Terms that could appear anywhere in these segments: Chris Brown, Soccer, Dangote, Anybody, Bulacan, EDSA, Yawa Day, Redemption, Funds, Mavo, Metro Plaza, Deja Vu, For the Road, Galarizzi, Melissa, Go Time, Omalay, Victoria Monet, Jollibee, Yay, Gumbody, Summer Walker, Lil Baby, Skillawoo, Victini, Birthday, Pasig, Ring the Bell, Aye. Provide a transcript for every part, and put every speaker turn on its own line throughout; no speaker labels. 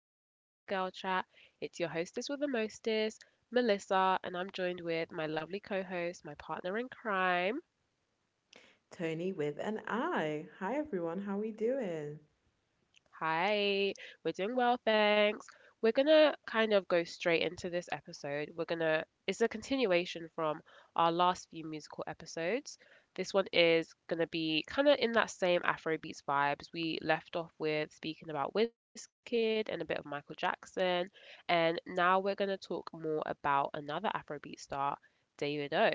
Welcome back to Girl Chat. It's your hostess with the mostest, Melissa, and I'm joined with my lovely co host, my partner in crime.
Tony with an I. Hi everyone, how we doing?
Hi, we're doing well, thanks. We're gonna kind of go straight into this episode. It's a continuation from our last few musical episodes. This one is gonna be kind of in that same Afrobeats vibes. We left off with speaking about Wizkid and a bit of Michael Jackson, and now we're gonna talk more about another Afrobeat star, David O.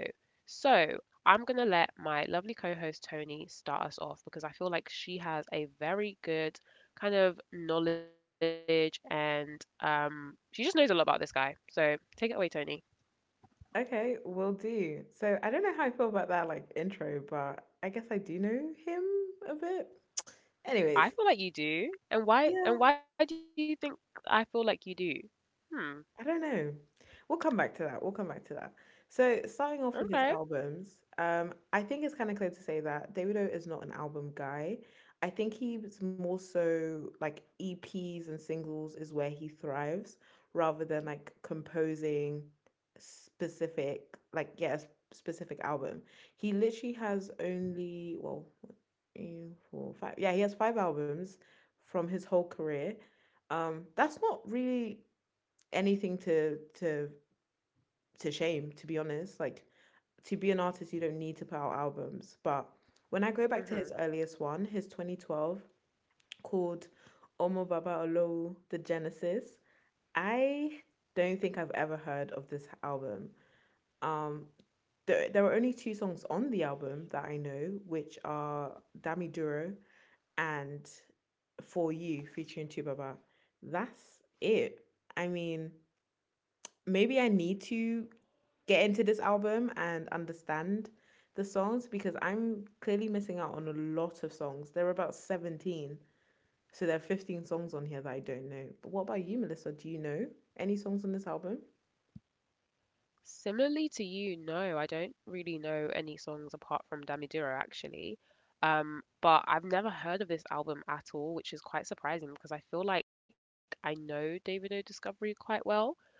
So, I'm gonna let my lovely co-host Tony start us off because I feel like she has a very good kind of knowledge and she just knows a lot about this guy. So take it away, Tony.
Okay, will do. So I don't know how I feel about that like intro, but I guess I do know him a bit. Anyways,
I feel like you do. And
yeah.
why and why do you think I feel like you do? Hmm.
I don't know. We'll come back to that. We'll come back to that. So, starting off with his
Okay.
albums, I think it's kind of clear to say that Davido is not an album guy. I think he's more so like EPs and singles is where he thrives rather than like composing specific, like, yes, specific album. He literally has only, well, one, two, four, five. Yeah, he has five albums from his whole career. That's not really anything to shame, to be honest. Like, to be an artist you don't need to put out albums, but when I go back to his
Hmm.
earliest one, his 2012 called Omo Baba Olowo The Genesis, I don't think I've ever heard of this album. Um there, there are only two songs on the album that I know, which are Dami Duro and For You featuring Two Baba. That's it. I mean, maybe I need to get into this album and understand the songs because I'm clearly missing out on a lot of songs. There are about 17. So there are 15 songs on here that I don't know. But what about you, Melissa? Do you know any songs on this album?
Similarly to you, no, I don't really know any songs apart from Dammidiro actually. But I've never heard of this album at all, which is quite surprising because I feel like I know David O. Discovery quite well.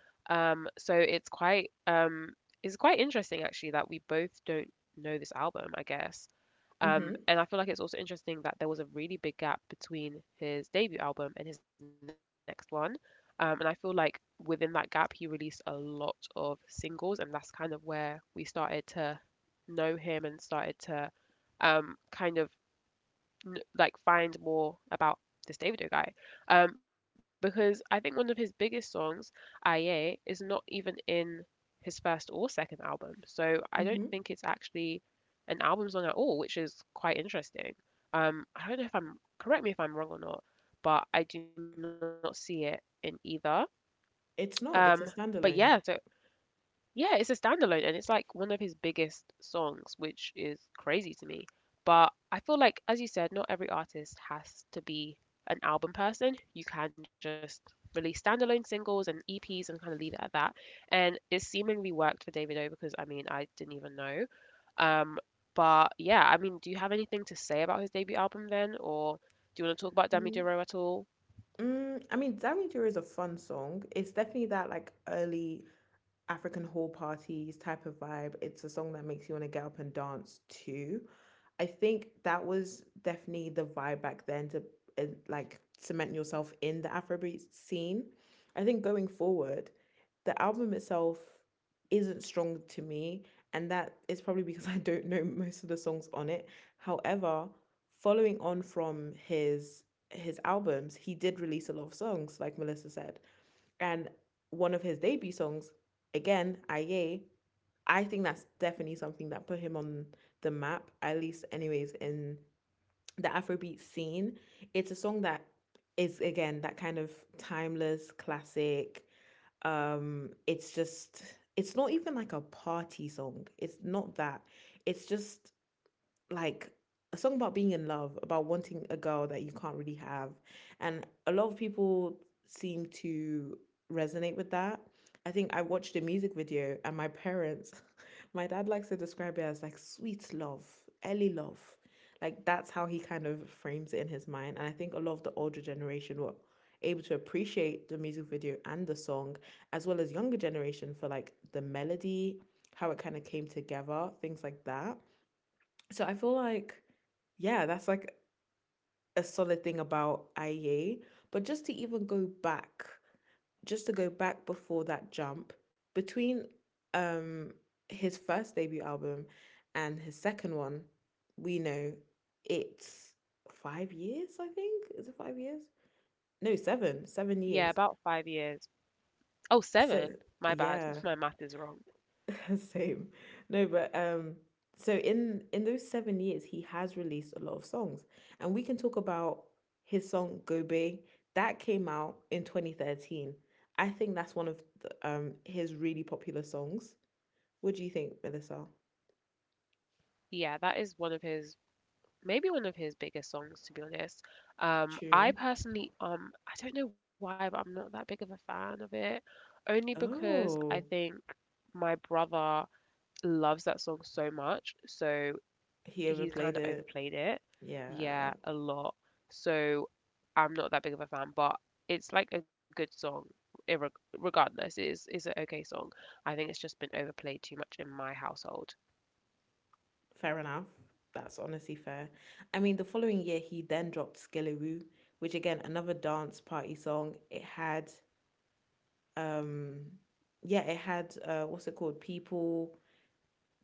Um, so it's quite um it's quite interesting actually that we both don't know this album, I guess.
Mm-hmm.
And I feel like it's also interesting that there was a really big gap between his debut album and his next one. And I feel like within that gap, he released a lot of singles, and that's kind of where we started to know him and started to um, kind of find more about this Davido guy. Because I think one of his biggest songs, Aye, is not even in his first or second album. So I don't
Mm-hmm.
think it's actually an album song at all, which is quite interesting. I don't know if I'm correct me if I'm wrong or not, but I do not see it in either.
It's not, it's a
Um, but
standalone.
yeah, so yeah, It's a standalone and it's like one of his biggest songs, which is crazy to me. But I feel like, as you said, not every artist has to be an album person. You can just release standalone singles and EPs and kind of leave it at that. And it seemingly worked for David O because I mean, I didn't even know. Um, I mean, do you have anything to say about his debut album then? Or do you want to talk about Dami
Mm,
Duro at all?
I mean, Damage is a fun song. It's definitely that like early African hall parties type of vibe. It's a song that makes you want to get up and dance too. I think that was definitely the vibe back then to uh, like cement yourself in the Afrobeat scene. I think going forward, the album itself isn't strong to me, and that is probably because I don't know most of the songs on it. However, following on from his albums, he did release a lot of songs, like Melissa said, and one of his debut songs, again, Aye, I think that's definitely something that put him on the map, at least, anyways, in the Afrobeat scene. It's a song that is, again, that kind of timeless classic. It's just, it's not even like a party song. It's not that. It's just like a song about being in love, about wanting a girl that you can't really have. And a lot of people seem to resonate with that. I think I watched a music video and my parents, my dad likes to describe it as like sweet love, early love. Like, that's how he kind of frames it in his mind. And I think a lot of the older generation were able to appreciate the music video and the song, as well as younger generation for like the melody, how it kind of came together, things like that. So I feel like, yeah, that's like a solid thing about IA. But just to even go back, just to go back before that jump, between um his first debut album and his second one, we know it's 5 years, I think. Is it 5 years? No, seven. Seven
Yeah,
years.
about 5 years. Oh,
So
seven. My bad.
yeah.
My math is wrong.
Same. No, but so in those 7 years he has released a lot of songs. And we can talk about his song Gobe that came out in 2013. I think that's one of the, his really popular songs. What do you think, Melissa?
Yeah, that is one of his maybe one of his biggest songs to be honest.
True.
I don't know why, but I'm not that big of a fan of it only because I
Oh,
think my brother loves that song so much, so
he
he
overplayed
kind of
it.
overplayed it,
Yeah,
yeah, a lot. So I'm not that big of a fan, but it's like a good song. Irreg regardless it is an okay song. I think it's just been overplayed too much in my household.
fair enough. That's honestly fair. I mean, the following year he then dropped Skillawoo, which again another dance party song. It had um yeah, it had what's it called, people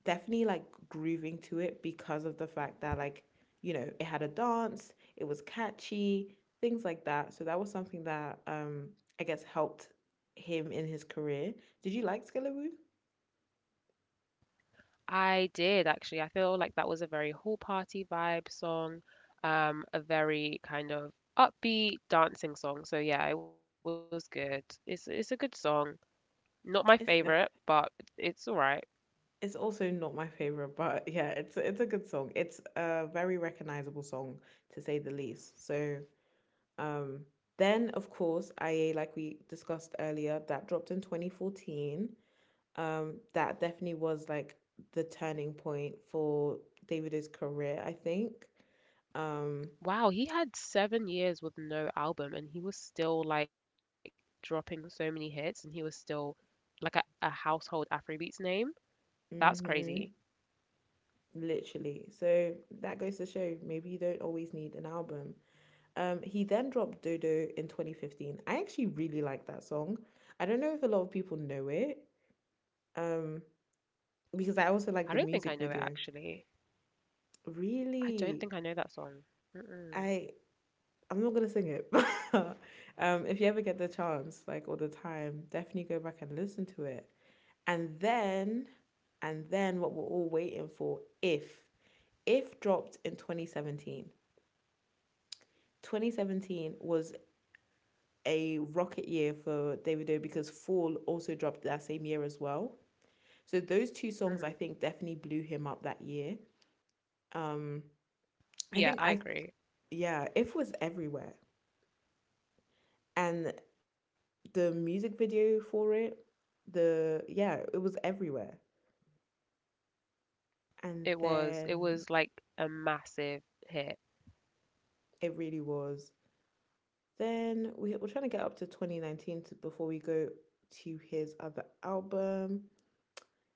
definitely like grooving to it because of the fact that like, you know, it had a dance, it was catchy, things like that. So that was something that I guess helped him in his career. Did you like Skillawoo?
I did actually. I feel like that was a very hall party vibe song, a very kind of upbeat dancing song. So yeah, it was good. It's a good song. Not my
it's def
favorite, but it's all right.
it's also not my favorite, but yeah, it's a good song. It's a very recognizable song, to say the least. So, um, then of course, IA, like we discussed earlier, that dropped in 2014. That definitely was like the turning point for Davido's career, I think. Um,
Wow, he had 7 years with no album and he was still like dropping so many hits and he was still like a household Afrobeats name. That's
mhm,
crazy.
literally. So that goes to show maybe you don't always need an album. He then dropped Dodo in 2015. I actually really like that song. I don't know if a lot of people know it, um, because I also
I
like
don't
the
think I
music
know it
video.
actually. I
Really,
don't think I know that song.
I
Mm-mm.
I'm not gonna sing it, but if you ever get the chance, like all the time, definitely go back and listen to it. And then, and then what we're all waiting for, If dropped in 2017. 2017 was a rocket year for Davido because Fall also dropped that same year as well. So those two songs
Hmm.
I think definitely blew him up that year. Um I think
Yeah,
I
I agree.
Yeah, If was everywhere. And the music video for it, the yeah, it was everywhere. And
It was. It
then
was like a massive hit.
it really was. Then we're trying to get up to 2019 to, before we go to his other album.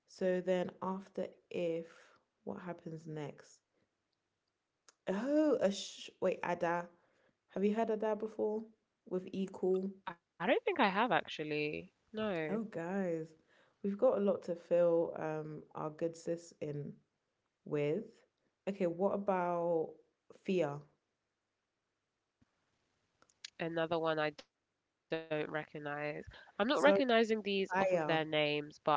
So then after If, what happens next? Oh, wait, Ada. Have you heard Ada before? With Equal.
I don't think I have actually. No.
Oh, guys, we've got a lot to fill our good sis in with. Okay, what about Fia?
Another one I don't recognize. I'm not
Sorry,
recognizing these off of their
fire,
names, but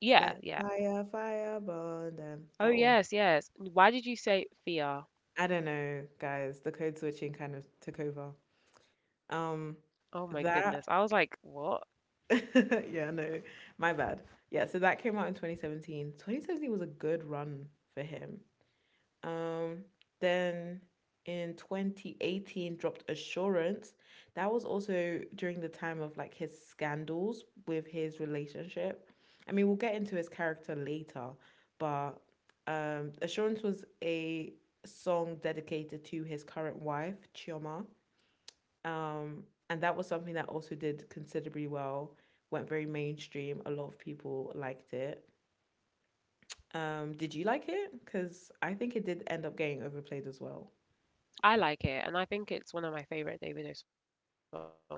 yeah,
like
yeah.
fire, fire, burn them. That
Oh,
one.
yes, yes. Why did you say Fia?
I don't know, guys. The code switching kind of took over. Um,
Oh my goodness. I was
that.
like, what?
Yeah, no, my bad. Yeah, so that came out in 2017. 2017 was a good run for him. Um, then in 2018 dropped Assurance. That was also during the time of like his scandals with his relationship. I mean, we'll get into his character later, but Assurance was a song dedicated to his current wife, Chioma. Um, and that was something that also did considerably well, went very mainstream. A lot of people liked it. Did you like it? Because I think it did end up getting overplayed as well.
I like it, and I think it's one of my favorite Davido songs, to be honest.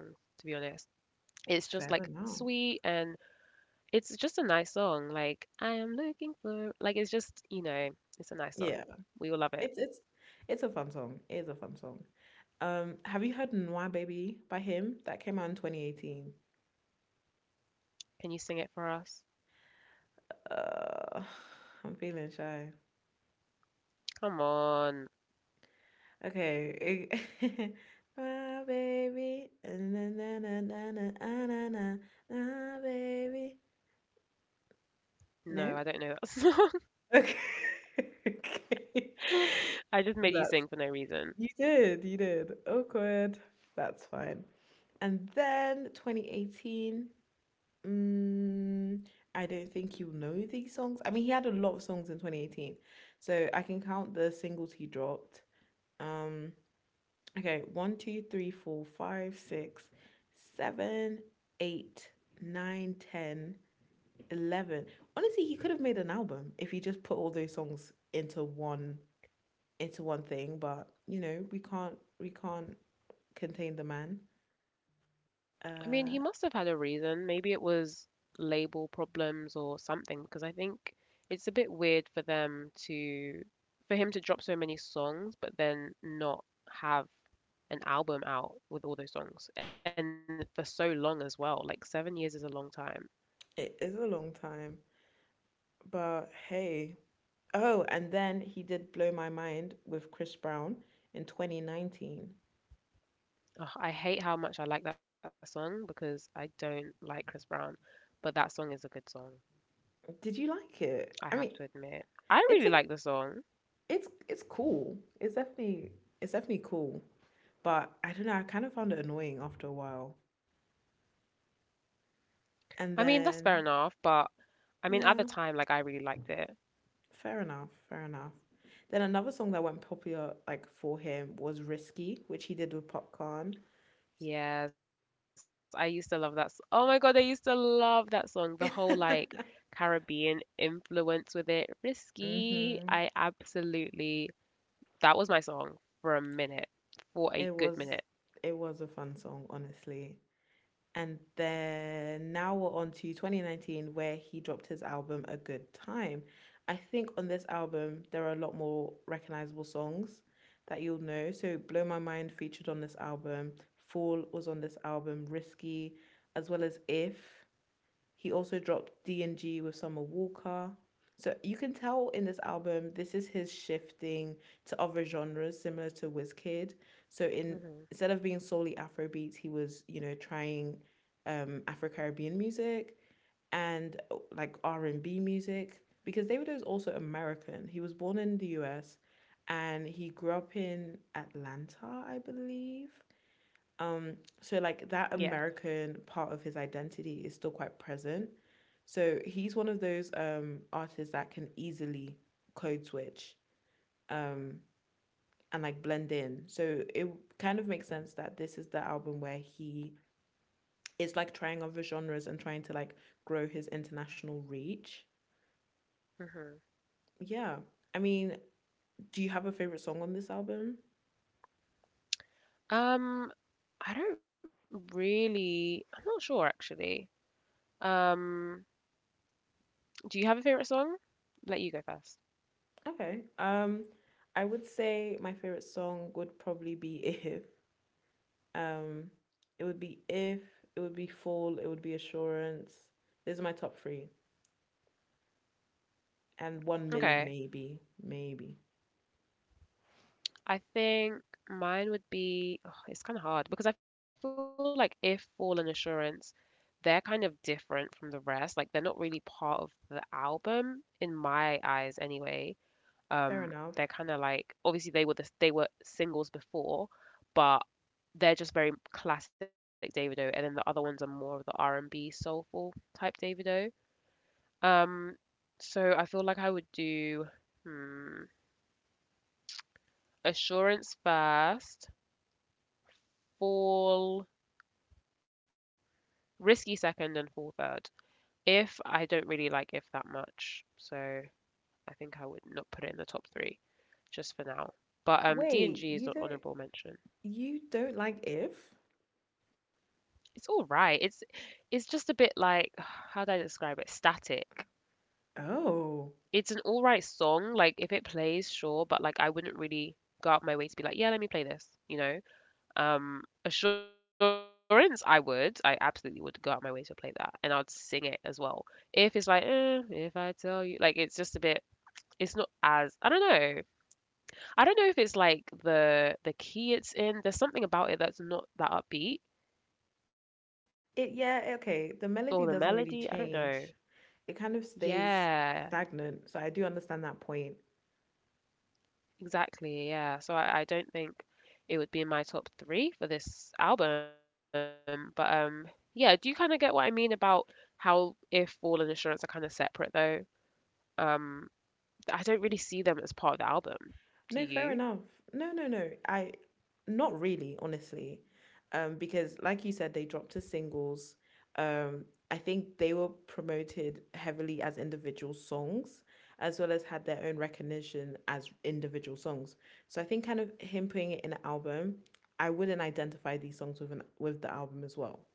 It's just like sweet
Fair
and
enough.
it's just a nice song. Like, I am looking for, like, it's just, you know, it's a nice song.
Yeah.
We will love it.
It's it's it's a fun song. It is a fun song. Have you heard Noir Baby by him? That came out in 2018.
Can you sing it for us?
Uh, I'm feeling shy.
Come on.
Okay. it- My baby. Na, na, na, na, na, ah, na, na, na, baby.
No,
No?
I don't know that song.
Okay. okay.
I
That's
just made you sing for no
you
reason.
did, you did. Awkward. That's fine. And then 2018. Mm, I don't think he will know these songs. I mean, he had a lot of songs in 2018, so I can count the singles he dropped. Um, okay, one, two, three, four, five, six, seven, eight, nine, 10, 11. Honestly, he could have made an album if he just put all those songs into one thing, but you know, we can't contain the man.
I mean,
Uh,
he must have had a reason. Maybe it was label problems or something, because I think it's a bit weird for for him to drop so many songs, but then not have an album out with all those songs, and for so long as well. Like 7 years is a long time.
it is a long time, but hey. Oh, and then he did Blow My Mind with Chris Brown in 2019.
Ugh, I hate how much I like that song because I don't like Chris Brown, but that song is a good song.
Did you like it? I mean,
I have to admit.
it's
I
a
really like the song.
it's cool. It's definitely cool. But I don't know, I kind of found it annoying after a while. And
I mean, that's
then
fair enough, but I mean,
yeah,
at the time, like, I really liked it.
fair enough, fair enough. Then another song that went popular like for him was Risky, which he did with Popcorn.
Yes, I used to love that. Oh my God, I used to love that song. The whole, like, Caribbean influence with it.
Mm-hmm.
Risky. I absolutely. That was my song for a minute,
It was
for a good
it
minute.
was a fun song, honestly. And then now we're on to 2019, where he dropped his album A Good Time. I think on this album, there are a lot more recognizable songs that you'll know. So, Blow My Mind featured on this album, Fall was on this album, Risky, as well as If. He also dropped D&G with Summer Walker. So you can tell in this album, this is his shifting to other genres similar to Wizkid. So in instead of being
Hmm.
solely Afrobeats, he was, you know, trying Afro-Caribbean music and like R&B music, because David is also American. He was born in the US and he grew up in Atlanta, I believe. Um, so like that
Yeah.
American part of his identity is still quite present. So he's one of those artists that can easily code switch um and like blend in. So it kind of makes sense that this is the album where he is like trying other genres and trying to like grow his international reach.
Hmm.
Yeah. I mean, do you have a favorite song on this album?
Um, I don't really. I'm not sure, actually. Um, do you have a favorite song? Let you go first.
Okay. I would say my favorite song would probably be If. Um, it would be If, it would be Fall, it would be Assurance. These are my top three. And one milli
Okay.
maybe. Maybe.
I think mine would be, oh, it's kind of hard because I feel like if Fall and Assurance, they're kind of different from the rest. Like they're not really part of the album in my eyes anyway.
Fair
Um,
enough.
they're kind of like obviously they were they were singles before, but they're just very classic Davido, and then the other ones are more of the R&B soulful type Davido. Um, so I feel like I would do hmm, Assurance first, Fall. Risky second and full third. If I don't really like if that much, so I think I would not put it in the top three just for now. But
Wait,
D and G is an honorable mention.
you don't like If?
It's all right. It's just a bit like how do I describe it? Static.
Oh.
It's an all right song. Like if it plays, sure, but like I wouldn't really go out my way to be like, yeah, let me play this, you know. Um, Assurance, I would. I absolutely would go out my way to play that, and I'd sing it as well. If it's like, eh, if I tell you, like it's just a bit. It's not as I don't know. I don't know if it's like the key it's in. There's something about it that's not that upbeat
It yeah, okay. The
or
melody
the
doesn't really
melody. I don't
change.
know.
It kind of stays
Yeah,
stagnant. So I do understand that point.
exactly. Yeah. So I don't think it would be in my top three for this album. But yeah. Do you kind of get what I mean about how if Fall and Assurance are kind of separate though? Um, I don't really see them as part of the album.
No, fair
Do
enough.
you?
No, no, no. I not really, honestly. Because like you said, they dropped to singles. I think they were promoted heavily as individual songs, as well as had their own recognition as individual songs. So I think kind of him putting it in an album, I wouldn't identify these songs with an with the album as well.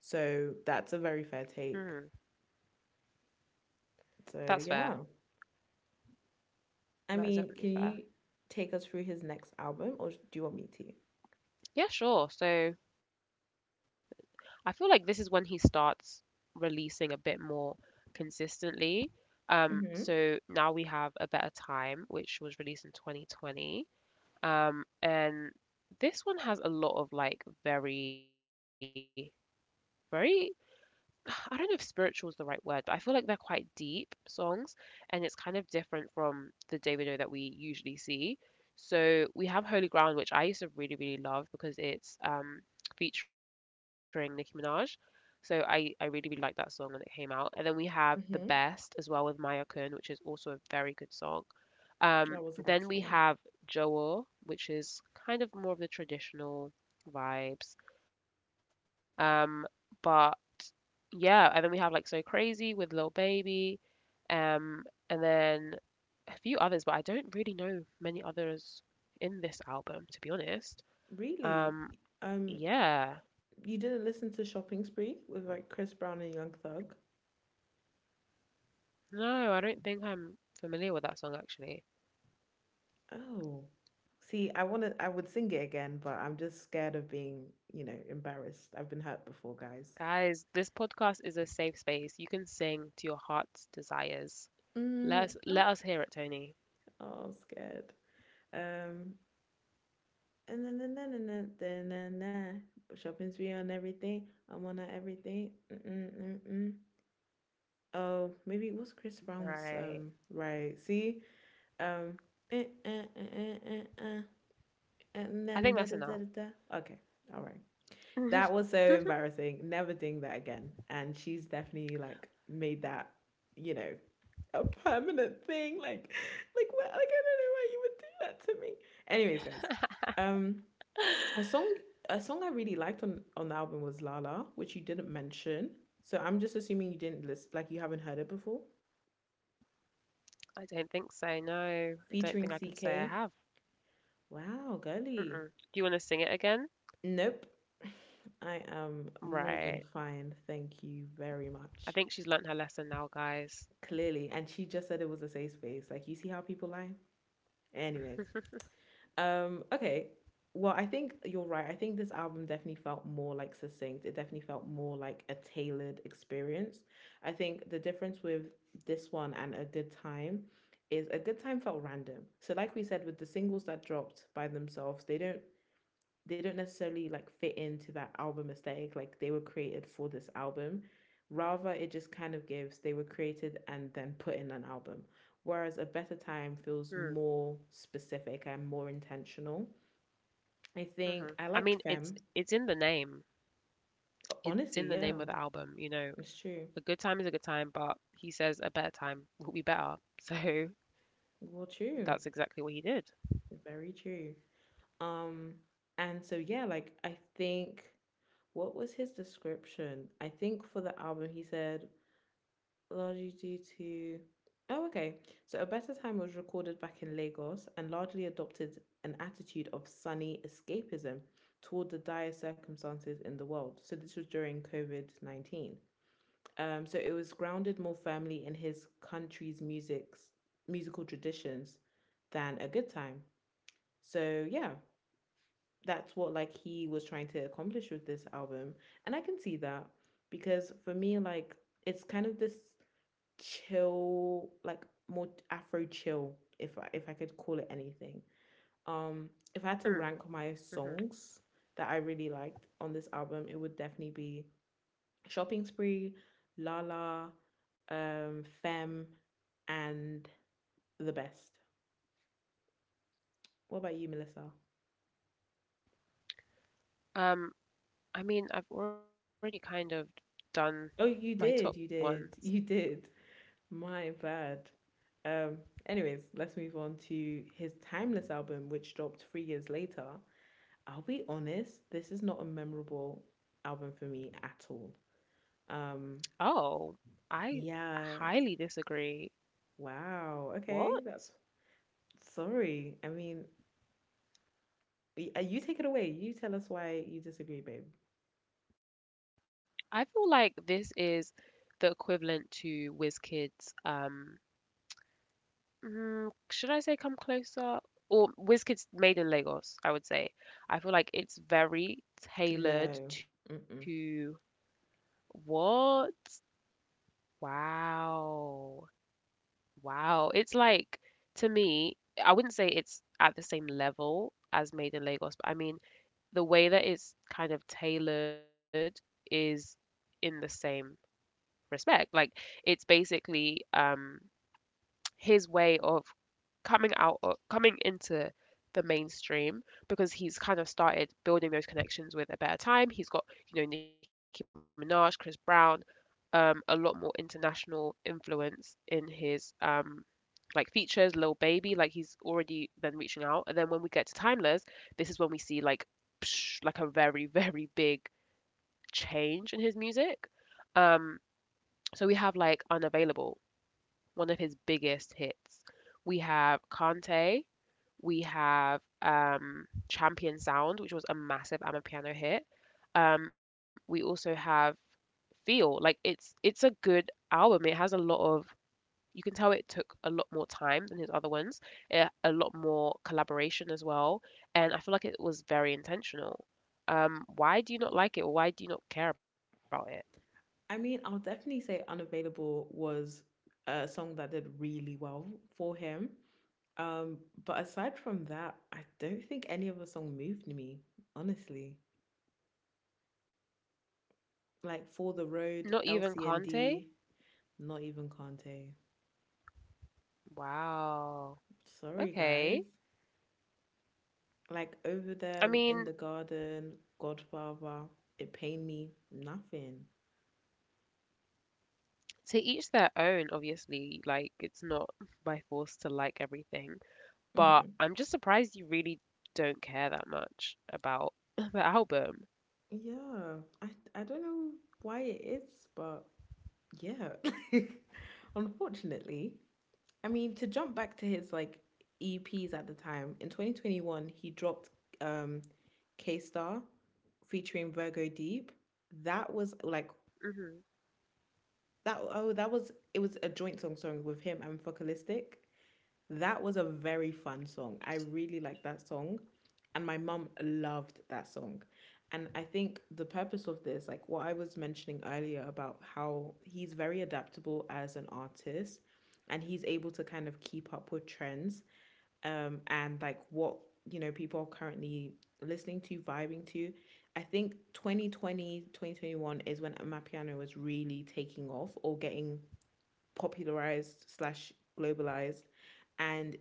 So that's a very fair
Hmm,
take.
that's fair.
So yeah.
That is
I
definitely
mean, can
fair.
you take us through his next album or do you want me to?
Yeah, sure. So I feel like this is when he starts releasing a bit more consistently. So
Mm-hmm.
now we have A Better Time, which was released in 2020. And this one has a lot of like very, very I don't know if spiritual is the right word, but I feel like they're quite deep songs, and it's kind of different from the Davido that we usually see. So we have Holy Ground, which I used to really, really love because it's featuring Nicki Minaj. So I really, really liked that song when it came out. And then we have The
Mm-hmm.
Best as well with Maya Kun, which is also a very good song.
That was a
Um,
good song.
then we have Joel, which is kind of more of the traditional vibes. Um, but yeah, and then we have like So Crazy with Lil Baby, and then a few others, but I don't really know many others in this album, to be honest.
Really?
Um,
Um, you
yeah,
didn't listen to Shopping Spree with like Chris Brown and Young Thug?
no, I don't think I'm familiar with that song actually.
Oh. See, I would sing it again, but I'm just scared of being, embarrassed. I've been hurt before, guys.
Guys, this podcast is a safe space. You can sing to your heart's desires. Let
Oh,
us hear it, Tony.
oh, scared. Um, and then Shopping Spree on everything. I'm on that everything. Mm mm mm mm. Oh, maybe it was Chris Brown's
Right.
right. See. Um, eh, eh, eh, eh, eh, eh, and then da da da
I
da.
think that's
Da.
enough.
Okay, all right. That was so
I
embarrassing. Never doing that again. And she's definitely like made that, you know, a permanent thing. Like, like what? Like I don't know why you would do that to me. Anyways, guys, um, a song, a song I really liked on the album was Lala, which you didn't mention. So I'm just assuming you didn't list, like you haven't heard it before,
don't think so. No, I
featuring
don't think I can say
CK.
I have.
Wow, girly.
Mm-mm. Do you want to sing it again?
Nope. I am more
Right.
than fine. Thank you very
I
much.
think she's learned her lesson now, guys.
Clearly. And she just said it was a safe space. Like, you see how people lie? Anyways. Okay. Well, I think you're right. I think this album definitely felt more like succinct. It definitely felt more like a tailored experience. I think the difference with this one and A Good Time is A Good Time felt random. So, like we said, with the singles that dropped by themselves, they don't necessarily like fit into that album aesthetic. Like they were created for this album. Rather, it just kind of gives they were created and then put in an album. Whereas A Better Time feels
Mm,
more specific and more intentional. I think I
mhm. I
liked
mean,
Femme.
it's in the name. It's in
Honestly,
the name of
yeah,
the album, you know.
it's true.
A good time is a good time, but he says a better time will be better. So
Well, true.
that's exactly what he did.
Very true. Um, and so yeah, like I think what was his description? I think for the album he said largely due to oh, okay, so A Better Time was recorded back in Lagos and largely adopted an attitude of sunny escapism toward the dire circumstances in the world. So this was during covid-19. So it was grounded more firmly in his country's music's musical traditions than A Good Time. So yeah, that's what like he was trying to accomplish with this album, and I can see that because for me, like it's kind of this chill, like more Afro chill, if I could call it anything. Um, if I had to
Mm,
rank my
mhm.
songs that I really liked on this album, it would definitely be Shopping Spree, Lala, Femme, and The Best. What about you, Melissa?
Um, I mean, I've already kind of done
Oh,
my top
you did,
ones.
you did. My bad. Um, Anyways, let's move on to his Timeless album, which dropped 3 years later. I'll be honest, this is not a memorable album for me at all. Um,
Oh, I
yeah,
highly disagree.
wow, okay, that's
What?
sorry. I mean, you take it away. You tell us why you disagree, babe.
I feel like this is the equivalent to WizKid's Mm, should I say Come Closer? Or WizKid's Made in Lagos, I would say. I feel like it's very
No,
tailored
mm-mm.
to what? Wow. Wow. It's like, to me, I wouldn't say it's at the same level as Made in Lagos, but I mean, the way that it's kind of tailored is in the same respect. Like, it's basically his way of coming into the mainstream because he's kind of started building those connections with A Better Time. He's got, Nicki Minaj, Chris Brown, a lot more international influence in his like features, Lil Baby, like he's already been reaching out. And then when we get to Timeless, this is when we see like psh, like a very, very big change in his music. Um, so we have like Unavailable, one of his biggest hits. We have Kante, we have Champion Sound, which was a massive Amapiano hit. We also have Feel. Like it's a good album. It has a lot of, you can tell it took a lot more time than his other ones. It, a lot more collaboration as well, and I feel like it was very intentional. Why do you not like it? Why do you not care about it?
I mean, I'll definitely say "Unavailable" was a song that did really well for him. Um, but aside from that, I don't think any other song moved me, honestly. Like For the
Not even
Road,
Kante?
LCND, not even Kante.
Wow.
Sorry,
Okay.
guys. Like over
I
them
mean,
in the garden, Godfather, it pained me nothing.
to each their own, obviously, like, it's not by force to like everything, but
hmm
I'm just surprised you really don't care that much about the album.
Yeah, I I don't know why it is, but yeah. Unfortunately, I mean to jump back to his like E Ps at the time in 2021, he dropped um K Star featuring Virgo Deep. That was like
Hmm.
that. Oh, that was it was a joint song, sorry, with him and Focalistic. That was a very fun song. I really liked that song. And my mum loved that song. And I think the purpose of this, like what I was mentioning earlier about how he's very adaptable as an artist and he's able to kind of keep up with trends, and like what, people are currently listening to, vibing to. I think 2020, 2021 is when Amapiano was really taking off or getting popularized slash globalized, and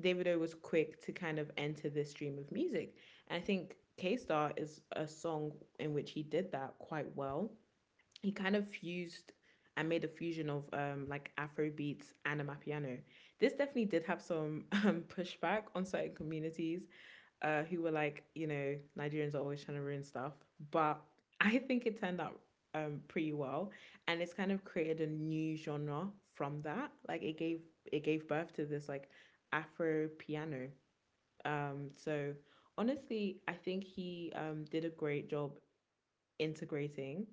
Davido was quick to kind of enter this stream of music. And I think K Star is a song in which he did that quite well. He kind of fused and made a fusion of like Afro beats and amapiano. This definitely did have some pushback on certain communities, who were like, you know, Nigerians are always trying to ruin stuff. But I think it turned out, pretty well, and it's kind of created a new genre from that. Like it gave birth to this like Afro piano. So honestly, I think he, did a great job integrating.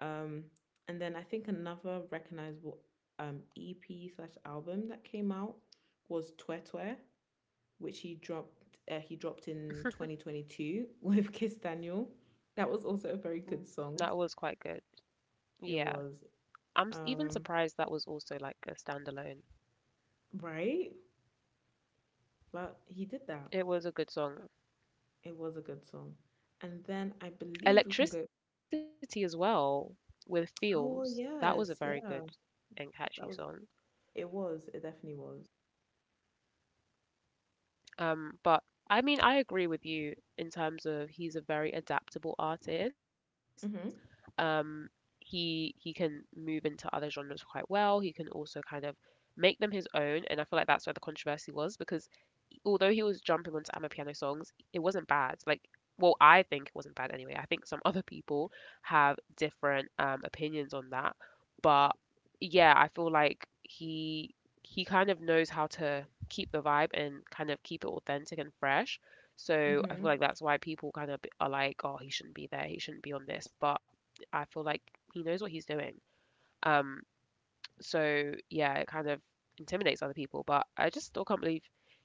Um, and then I think another recognizable, EP slash album that came out was Twe Twe, which he dropped in 2022 with Kiss Daniel. That was also a
That
very
was
good
quite good.
song.
Yeah.
It was
Even surprised that was
um
also like a standalone.
right, but he
It
did
was a
that.
good song.
It was a good song. And then I believe we can go.
Electricity as well with Feels. That was a
Oh
very good
yes,
and
yeah.
catchy song.
That was it definitely was.
But I mean, I agree with you in terms of he's a very adaptable artist.
Mhm.
Um, he can move into other genres quite well. He can also kind of make them his own, and I feel like that's where the controversy was because although he was jumping onto I'm a Piano songs, it wasn't bad. Like, well, I think it wasn't bad anyway. I think some other people have different opinions on that, but yeah, I feel like he kind of knows how to keep the vibe and kind of keep it authentic and fresh. So I feel
Mhm.
like that's why people kind of are like, oh, he shouldn't be there, he shouldn't be on this, but I feel like he knows what he's doing. Um, so yeah, it kind of intimidates other people. But I just still can't believe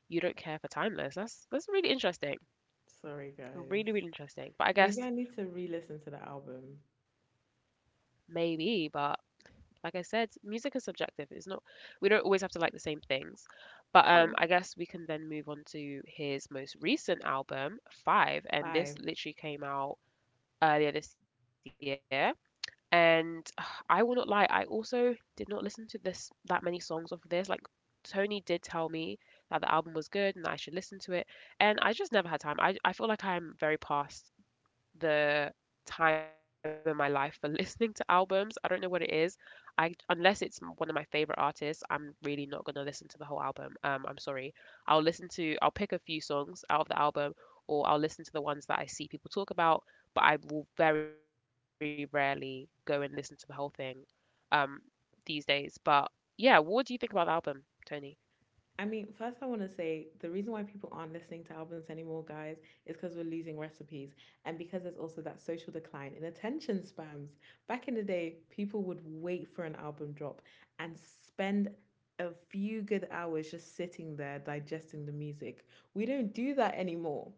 you don't care for Timeless. That's really interesting.
Sorry guys.
Really, really interesting. But I
Maybe I
guess
need to re-listen to the album.
maybe, but like I said, music is subjective. It's not, we don't always have to like the same things. But I
True.
guess we can then move on to his most recent album, Five, and
Five.
this literally came out earlier this year. And I will not lie, I also did not listen to this, that many songs off of this. Like Tony did tell me that the album was good and I should listen to it, and I just never had time. I feel like I'm very past the time in my life for listening to albums. I don't know what it is. I, unless it's one of my favorite artists, I'm really not gonna listen to the whole album. I'm sorry. I'll listen to I'll pick a few songs out of the album, or I'll listen to the ones that I see people talk about. But I will very rarely go and listen to the whole thing, um, these days. But yeah, what do you think about the album, Tony?
I mean, first I want to say the reason why people aren't listening to albums anymore, guys, is because we're losing recipes, and because there's also that social decline in attention spams. Back in the day, people would wait for an album drop and spend a few good hours just sitting there digesting the music. We don't do that anymore.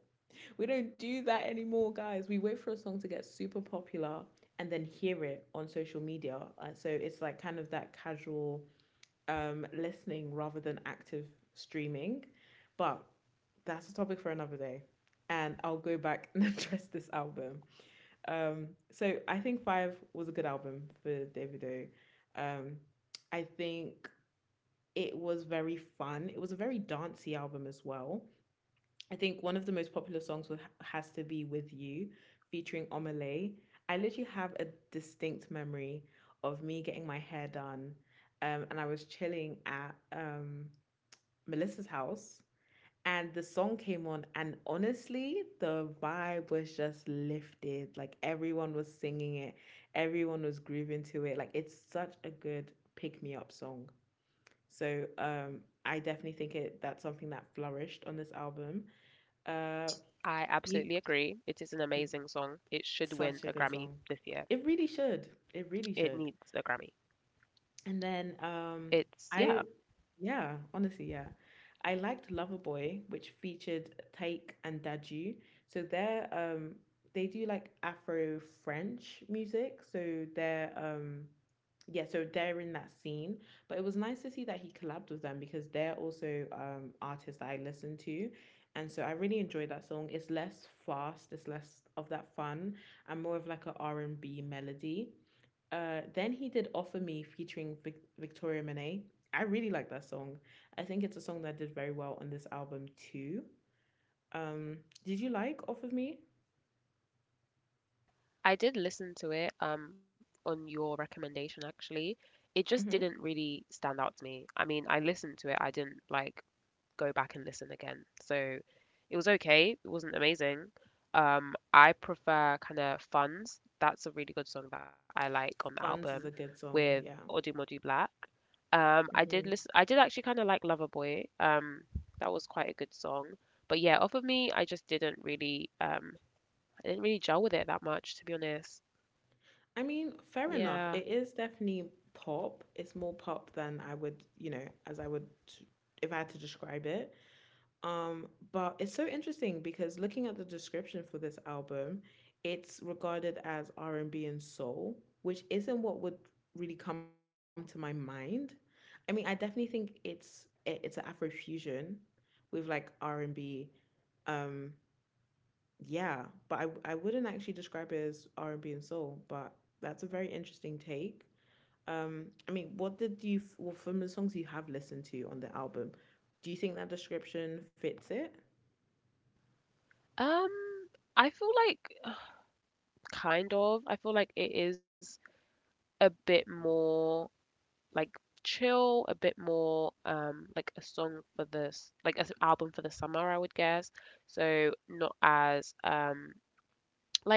We don't do that anymore, guys. We wait for a song to get super popular and then hear it on social media. So it's like kind of that casual, listening rather than active streaming. But that's a topic for another day. And I'll go back and address this album. So I think Five was a good album for Davido. Um, I think it was very fun. It was a very dancey album as well. I think one of the most popular songs has to be With You featuring Omalay. I literally have a distinct memory of me getting my hair done, and I was chilling at, Melissa's house, and the song came on, and honestly the vibe was just lifted, like everyone was singing it, everyone was grooving to it, like it's such a good pick me up song. So I definitely think it that's something that flourished on this album. uh
I
you.
absolutely agree. It is an amazing song. It should
Such a good
win a
song.
Grammy this
It
year.
really should. It
It
really
needs
should.
a Grammy.
And then
It's, yeah.
I yeah, honestly, yeah. I liked Loverboy, which featured Taik and Daju. So they do like Afro French music. So they're yeah, so they're in that scene. But it was nice to see that he collabed with them because they're also artists that I listen to. And so I really enjoyed that song. It's less fast, it's less of that fun, and more of like a R&B melody. Then he did Offer Me featuring Victoria Monet. I really like that song. I think it's a song that did very well on this album too. Um, did you like Off of Me?
I did listen to it on your recommendation actually. It just
Mm-hmm.
didn't really stand out to me. I mean, I listened to it. I didn't like go back and listen again. So it was okay. It wasn't amazing. I prefer kind of Funds. That's a really good song that I like on the album
Funds is a good
with
song. Yeah.
Odumodu Black. I did
Mm-hmm.
listen. I did actually kind of like Loverboy. That was quite a good song. But yeah, Off of Me, I just didn't really I didn't really gel with it that much, to be honest.
I mean, fair
Yeah.
enough. It is definitely pop. It's more pop than I would, as I would, if I had to describe it. But it's so interesting because looking at the description for this album, it's regarded as R&B and soul, which isn't what would really come to my mind. I mean, I definitely think it's an Afro fusion with like R&B. Um, yeah, but I wouldn't actually describe it as R&B and soul. But that's a very interesting take. I mean, what did well, from the songs you have listened to on the album, do you think that description fits it?
Um, I feel like uh, kind of. I feel like it is a bit more like chill, a bit more like a song for this, like an album for the summer, I would guess. So not as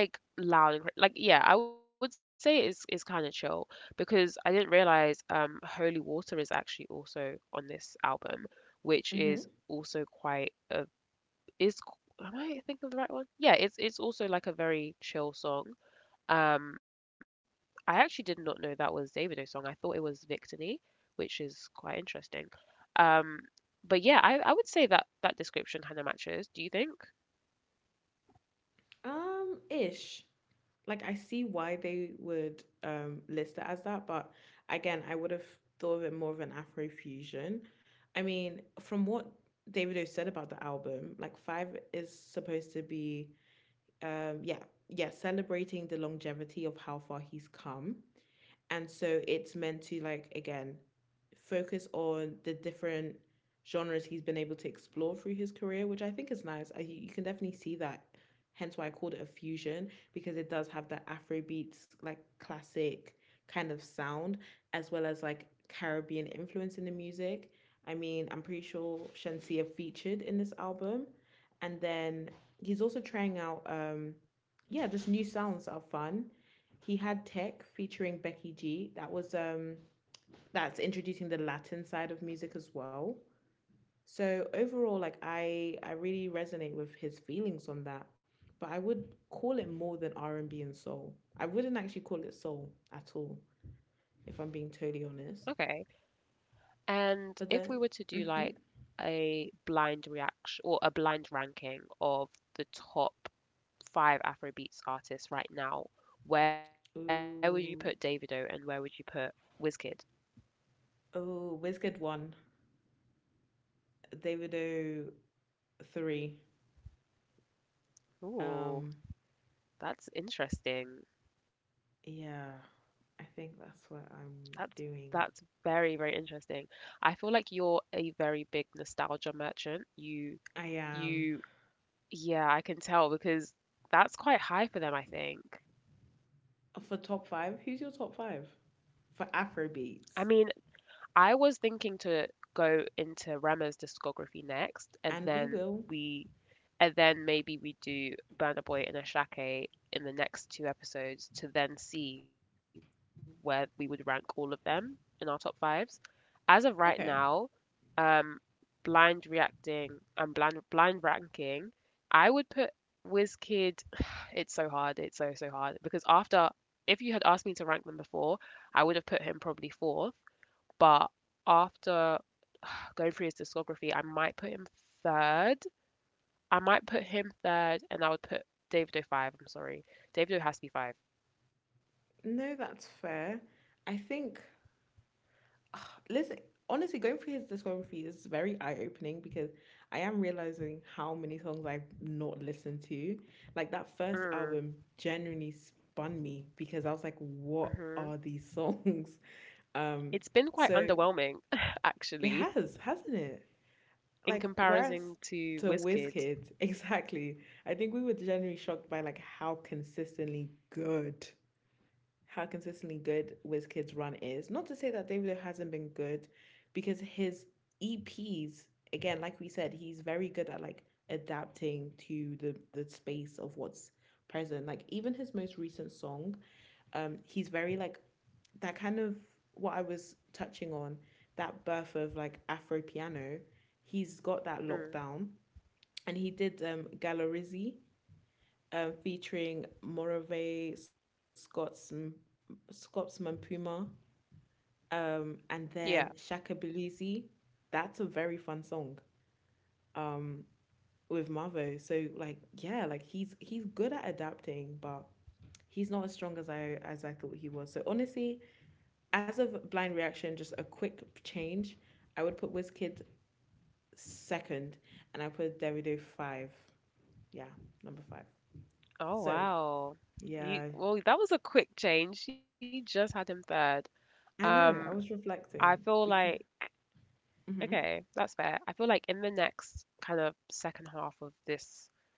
like loud and like yeah, I would say it's kind of chill because I didn't realize Holy Water is actually also on this album, which is
Mm-hmm.
also quite a am I thinking of the right one? Yeah, it's also like a very chill song. Um, I actually did not know that was Davido's song. I thought it was Victini, which is quite interesting. Um, but yeah, I would say that that description kind of matches. Do you think?
Ish. Like I see why they would list it as that, but again, I would have thought of it more of an Afro fusion. I mean, from what Davido said about the album, like Five is supposed to be, yeah, yeah, celebrating the longevity of how far he's come. And so it's meant to like again focus on the different genres he's been able to explore through his career, which I think is nice. You can definitely see that. Hence why I called it a fusion because it does have that Afrobeats like classic kind of sound as well as like Caribbean influence in the music. I mean, I'm pretty sure Shensia featured in this album. And then he's also trying out yeah, just new sounds that are fun. He had Tech featuring Becky G. That was that's introducing the Latin side of music as well. So overall, like I really resonate with his feelings on that. But I would call it more than R and B and soul. I wouldn't actually call it soul at all, if I'm being totally honest.
Okay.
But
And
then,
if we were to do
mm-hmm.
like a blind reaction or a blind ranking of the top five Afrobeats artists right now, where would you
Ooh,
put Davido and where would you put Wizkid?
oh, Wizkid one, Davido three. Um,
Ooh. That's interesting.
yeah, I think that's what I'm
That's
doing.
that's very, very interesting. I feel like you're a very big nostalgia merchant.
I
You
am.
you yeah, I can tell because that's quite high for them, I think.
For top five, who's your top five for Afro beats?
I mean, I was thinking to go into Rema's discography
And we
next
will.
and then we and then maybe we do Burner Boy and Ashake in the next two episodes to then see where we would rank all of them in our top fives. As of right
Okay.
now, um, blind reacting and blind ranking, I would put Kid. It's so hard. It's so so hard because after, if you had asked me to rank them before, I would have put him probably fourth. But after going through his discography, I might put him third, I might put him third, and I would put Davido five. I'm sorry. Davido has to be five.
No, that's fair. I think, listen, honestly, going through his discography is very eye opening because I am realizing how many songs I've not listened to. Like that first
Mm,
album genuinely spun me because I was like, what
hmm
are these songs?
It's
Um,
been quite
so
underwhelming,
it
actually,
has, hasn't it?
in
Like,
comparison
whereas
to
to
Wizkid.
WizKid, exactly. I think we were generally shocked by like how consistently good WizKid's run is. Not to say that Dave Lee hasn't been good, because his EPs, again, like we said, he's very good at like adapting to the space of what's present. Like even his most recent song, he's very like that kind of what I was touching on that birth of like Afro piano. He's got that lockdown,
Mm,
and he did Galarizzi featuring Morave, Scots, Scotsman Puma, and then
yeah.
Shaka Belizi. That's a very fun song um, with Mavo. So like yeah, like he's good at adapting, but he's not as strong as I thought he was. So honestly, as of blind reaction, just a quick change, I would put WizKid second and I put Davido five. Yeah, number five. So,
Oh, wow.
yeah,
You, well, that was a quick change. She just had him third.
I know. I
Um,
was
I
reflecting
feel
because.
like,
Hmm.
okay, that's fair. I feel like in the next kind of second half of this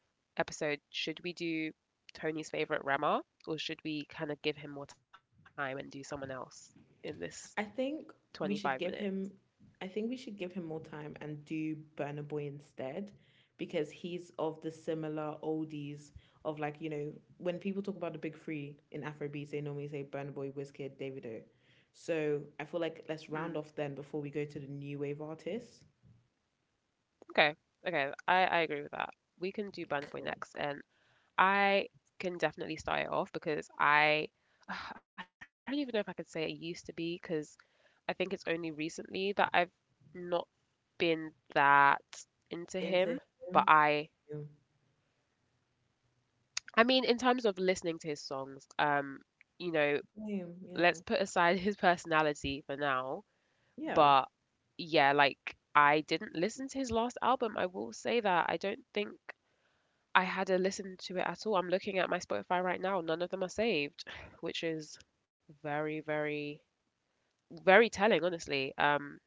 episode, should we do Tony's favorite Rama or should we kind of give him more time and do someone else in
I
this
think we should
25
give
minute?
him I think we should give him more time and do Burna Boy instead because he's of the similar oldies of like, you know, when people talk about the big three in Afrobeats, they normally say Burna Boy, Wizkid, Davido. So I feel like let's round
Mm,
off then before we go to the new wave artists.
okay, okay, I agree with that. We can do Burner
Cool.
Boy next, and I can definitely start it off because I I don't even know if I could say it used to be because I think it's only recently that I've not been that into him,
Into
but
him. Him.
I mean, in terms of listening to his songs, you know,
Him,
let's
yeah.
put aside his personality for now.
Yeah.
But yeah, like I didn't listen to his last album. I will say that I don't think I had a listen to it at all. I'm looking at my Spotify right now. None of them are saved, which is very, very, very telling, honestly.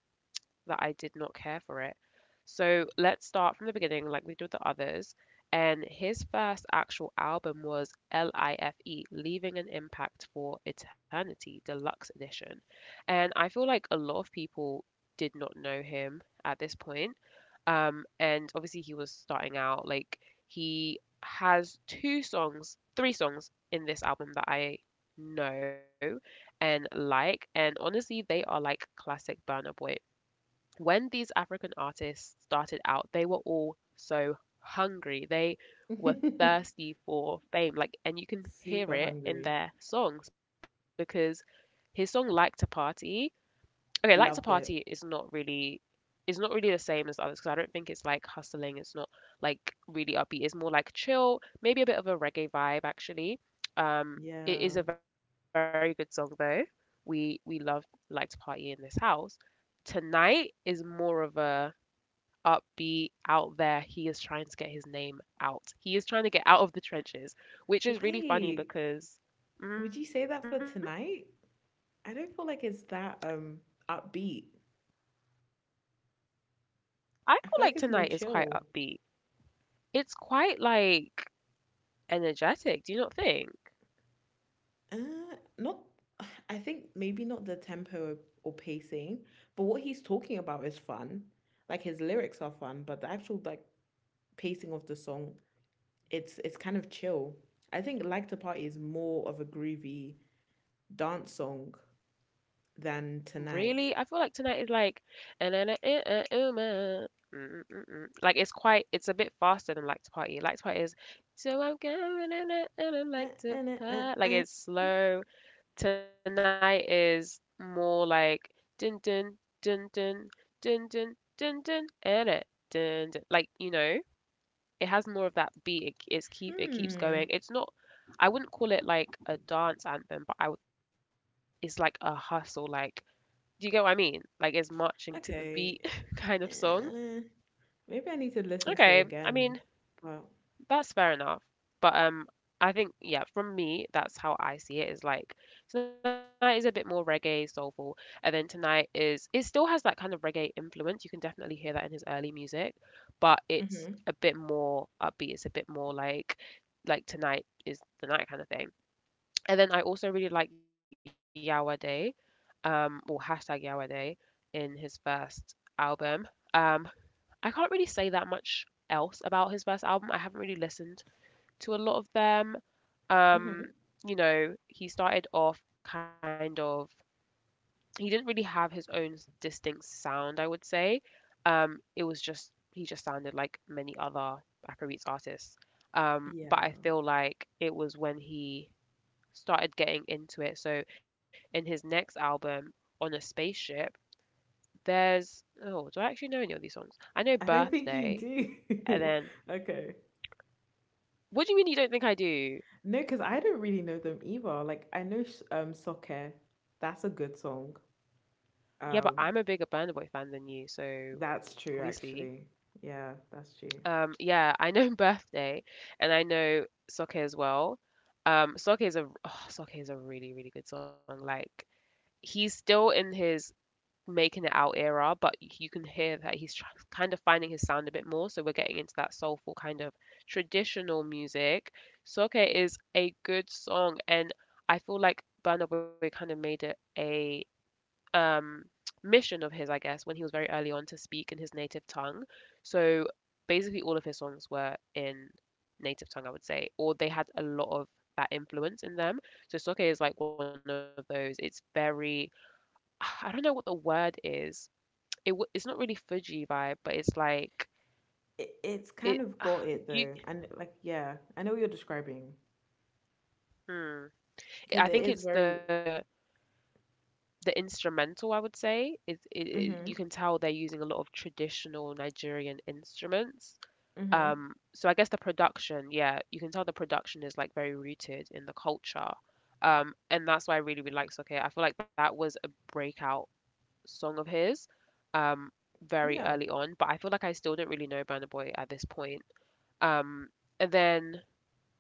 That I
I
did
mean,
not
I
care
don't think
for it.
I've listened
So
to.
let's start from the beginning, like we did with the others. And his first actual album was L.I.F.E., Leaving an Impact for Eternity, Deluxe Edition. And I feel like a lot of people did not know him at this point. And obviously, he was starting out. Like, he has two songs, three songs in this album that I know and like. And honestly, they are like classic Burner Boy. When these African artists started out, they were all so hungry. They were thirsty for fame. Like, and you can
Super
hear
Hungry.
it in their songs because his song "Like to Party." Okay, "Like
Loved
to
it.
Party" is not really, is not really the same as the others because I don't think it's like hustling. It's not like really upbeat. It's more like chill, maybe a bit of a reggae vibe actually.
Yeah.
Um, it is a very good song though. We love Like to Party in this house. Tonight is more of a upbeat, out there. He is trying to get his name out. He is trying to get out of the trenches, which
Wait,
is really funny
would you
because
say that for
mm,
tonight? I don't feel like it's that upbeat. I feel like it's
I
more
feel like
chill.
Tonight is quite upbeat. It's quite like energetic. Do you not think?
Not. I think maybe not the tempo or pacing, but what he's talking about is fun. Like his lyrics are fun, but the actual like pacing of the song, it's kind of chill. I think Like to Party is more of a groovy dance song than tonight.
Really? I feel like Tonight is like and then mm, mm, mm. Like it's quite, it's a bit faster than Like to Party. Like to Party is, so I'm going and
Uh,
I
uh,
like
uh,
to
uh, uh.
party. Like it's slow. Tonight is more like dun dun dun dun dun dun dun dun and it dun dun. Like, you know, it has more of that beat. It, it's keep, it
Hmm.
keeps going. It's not. I wouldn't call it like a dance anthem, but I would it's like a hustle, like do you get what I mean? Like it's marching to the beat
Okay.
kind of song.
Maybe I need to listen to it
Okay, I
again.
mean,
But
that's fair enough. But I think yeah, from me, that's how I see it is like tonight is a bit more reggae, soulful, and then tonight is it still has that kind of reggae influence. You can definitely hear that in his early music, but
mhm.
it's a bit more upbeat. It's a bit more like tonight is the night kind of thing. And then I also really like Yawa Day, or hashtag Yawa Day in his first album. Um, I can't really say that much else about his first album. I haven't really listened to a lot of them.
Mhm.
Um, you know, he started off kind of, he didn't really have his own distinct sound, I would say. It was just, he just sounded like many other Afrobeats artists.
Yeah.
But I feel like it was when he started getting into it. So in his next album, On a Spaceship, there's, oh, do I actually know any of these songs? I know
I don't think you
Birthday, and
do.
then,
Okay.
what do you mean you don't think I do?
No, because I don't really know them either. Like I know Soccer. That's a good song.
Yeah, but
Um,
I'm a bigger Burna Boy fan than you, so
that's true
obviously.
actually. Yeah, that's true.
Yeah, I know birthday, and I know soccer as well. Soccer is a oh, soccer is a really really good song. Like he's still in his making it out era, but you can hear that kind of finding his sound a bit more. So we're getting into that soulful kind of traditional music. Soccer is a good song, and I feel like Burna Boy kind of made it a um, mission of his, I guess, when he was very early on to speak in his native tongue. So basically, all of his songs were in native tongue, I would say, or they had a lot of that influence in them. So Soke is like one of those. It's very, I don't know what the word is. It's not really Fuji vibe, but it's like
It, it's kind
it.
of got it
Do you,
though, and like yeah, I know what you're describing
hmm.
because it
I
is
think it's
very.
the instrumental I would say is you
Mhm.
can tell they're using a lot of traditional Nigerian instruments.
Mhm.
So I guess the production, yeah, you can tell the production is like very rooted in the culture. And that's why I really, really like Soke. I feel like that was a breakout song of his, um, very
Yeah.
early on, but I feel like I still don't really know Burna Boy at this point. Um, and then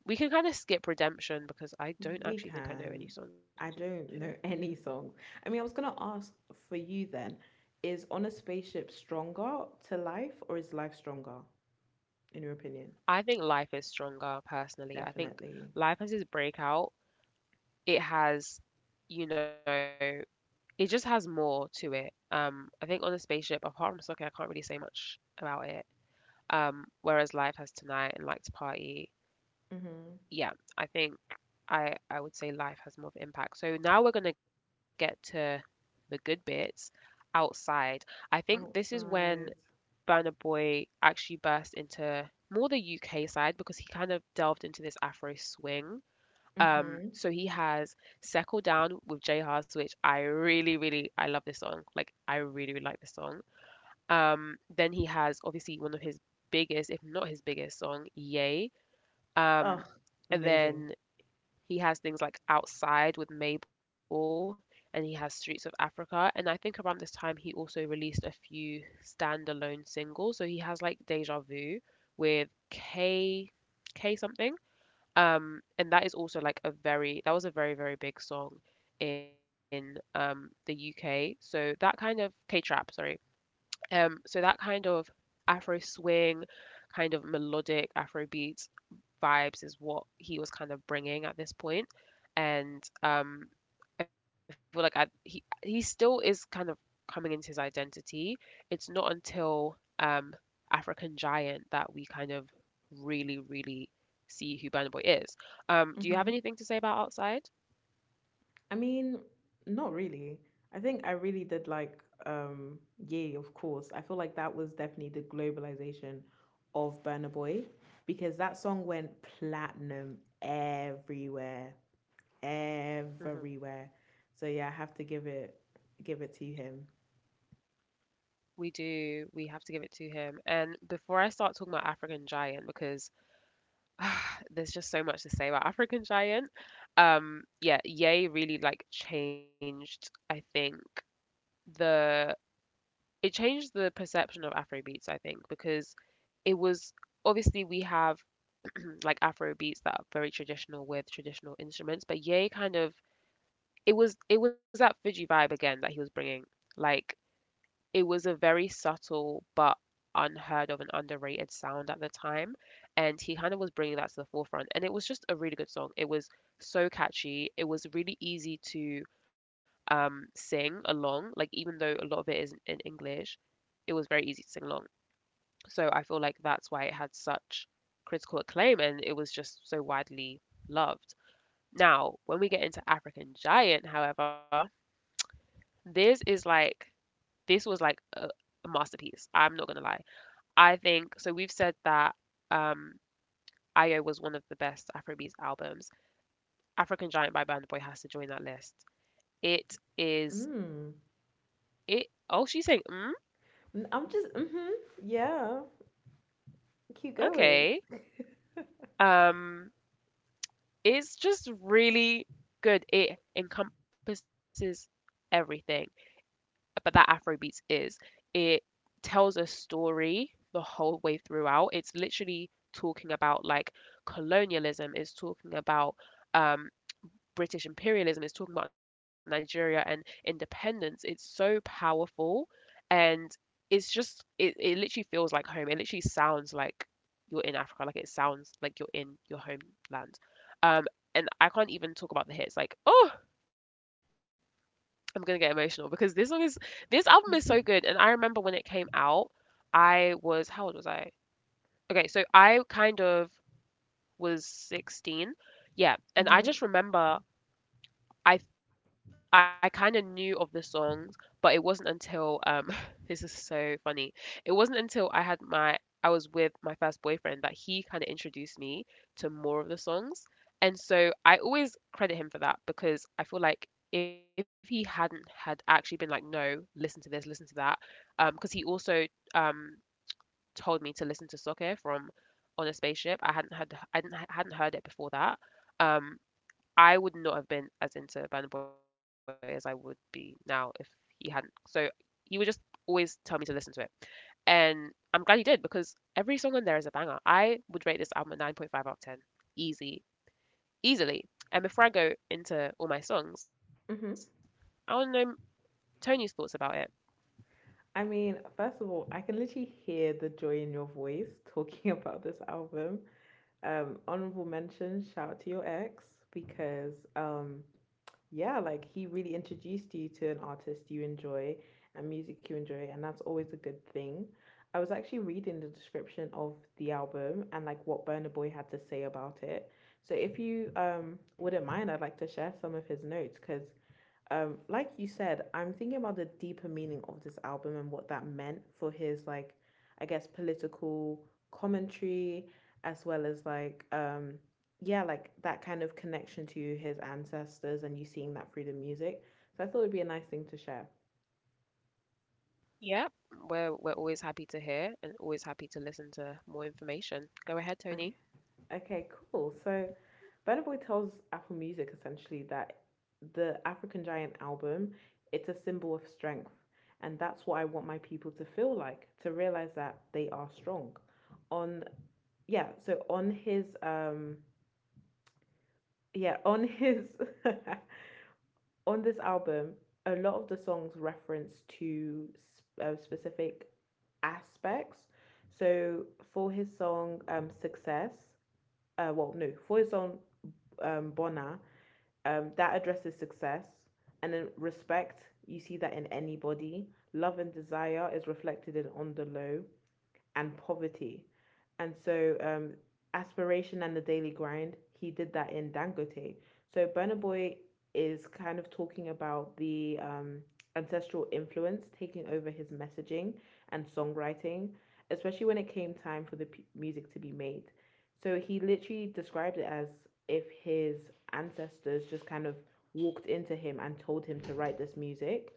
we can kind of skip Redemption because I don't
We
actually think I know
can.
any songs on
I
here.
don't know any songs. I mean, I was gonna ask for you then, is On a Spaceship stronger to life or is life stronger, in your opinion?
I think Life is Stronger personally. I think
Definitely.
Life has his breakout. It has, you know, it just has more to it. I think on the spaceship, apart from soccer, I can't really say much about it. Whereas Life has Tonight and Like to Party,
Mm-hmm.
yeah, I think I would say Life has more of an impact. So now we're gonna get to the good bits outside. I think this is when
Outside.
Burna Boy actually burst into more the UK side because he kind of delved into this Afro swing,
Mm-hmm.
so he has Settle Down with Jay Haas, which I really, really, I love this song. Like, I really, really like this song. Then he has obviously one of his biggest, if not his biggest song, Yay.
Ugh,
Um, and
amazing.
then he has things like Outside with Mabel, and he has Streets of Africa. And I think around this time he also released a few standalone singles. So he has like Deja Vu with K something. And that is also like a very that was a very, very big song in the UK. So that kind of K-trap, sorry. So that kind of Afro swing, kind of melodic Afro beats vibes is what he was kind of bringing at this point, and I feel like I, he still is kind of coming into his identity. It's not until um, African Giant that we kind of really really see who Burna Boy is. Do
Mm-hmm.
you have anything to say about Outside?
I mean, not really. I think I really did like Yay, of course. I feel like that was definitely the globalization of Burna Boy because that song went platinum everywhere.
Hmm.
Everywhere. So yeah, I have to give it to him.
We do. We have to give it to him. And before I start talking about African Giant, because there's just so much to say about African Giant. Yeah, Ye really like changed, I think, the it changed the perception of Afrobeats, I think, because it was obviously we have like Afro beats that are very traditional with traditional instruments, but Ye kind of it was that Fuji vibe again that he was bringing. Like it was a very subtle but unheard of and underrated sound at the time, and he kind of was bringing that to the forefront, and it was just a really good song. It was so catchy. It was really easy to sing along, like even though a lot of it is in English, it was very easy to sing along. So I feel like that's why it had such critical acclaim and it was just so widely loved. Now when we get into African Giant however, this is like this was like a masterpiece. I'm not gonna lie. I think so. We've said that um, IO was one of the best Afrobeats albums. African Giant by Burna Boy has to join that list. It is
Mm.
it. Oh, she's saying mm,
I'm just mm-hmm. Yeah. Keep going.
okay. Um, it's just really good. It encompasses everything. But that Afrobeats is. It tells a story the whole way throughout. It's literally talking about like colonialism, it's talking about um, British imperialism, it's talking about Nigeria and independence. It's so powerful and it's just, it literally feels like home. It literally sounds like you're in Africa, like it sounds like you're in your homeland. Um, and I can't even talk about the hits. Like, oh, I'm gonna get emotional because this album is so good. And I remember when it came out, I was how old was I? Okay, so I kind of was 16.
Mm-hmm.
Yeah, and I just remember I I kind of knew of the songs, but it wasn't until this is so funny. It wasn't until I had my I was with my first boyfriend that he kind of introduced me to more of the songs. And so I always credit him for that because I feel like if he hadn't had actually been like, no, listen to this, listen to that, because he also um told me to listen to Soccer from On a Spaceship. I didn't hadn't heard it before that. Um, I would not have been as into Burna Boy as I would be now if he hadn't. So he would just always tell me to listen to it, and I'm glad he did because every song on there is a banger. I would rate this album a 9.5 out of 10, easy, easily. And before I go into all my songs,
Mm-hmm.
I want to know Tony's thoughts about it.
I mean, first of all, I can literally hear the joy in your voice talking about this album. Honorable mention, shout out to your ex because yeah, like he really introduced you to an artist you enjoy and music you enjoy, and that's always a good thing. I was actually reading the description of the album and like what Burner Boy had to say about it. So if you wouldn't mind, I'd like to share some of his notes because like you said, I'm thinking about the deeper meaning of this album and what that meant for his like I guess political commentary as well as like yeah, like that kind of connection to his ancestors and you seeing that through the music, so I thought it'd be a nice thing to share.
Yeah, we're always happy to hear and always happy to listen to more information. Go
Okay.
ahead, Tony.
Okay, cool. So Burna Boy tells Apple Music essentially that the African Giant album, it's a symbol of strength. And that's what I want my people to feel like, to realize that they are strong. On yeah, so on his yeah, on his on this album, a lot of the songs reference to specific aspects. So for his song Success, well no, for his song Bona, um, that addresses success. And then respect, you see that in anybody. Love and desire is reflected in On the Low and poverty. And so, aspiration and the daily grind, he did that in Dangote. So, Burna Boy is kind of talking about the ancestral influence taking over his messaging and songwriting, especially when it came time for the music to be made. So, he literally described it as if his ancestors just kind of walked into him and told him to write this music.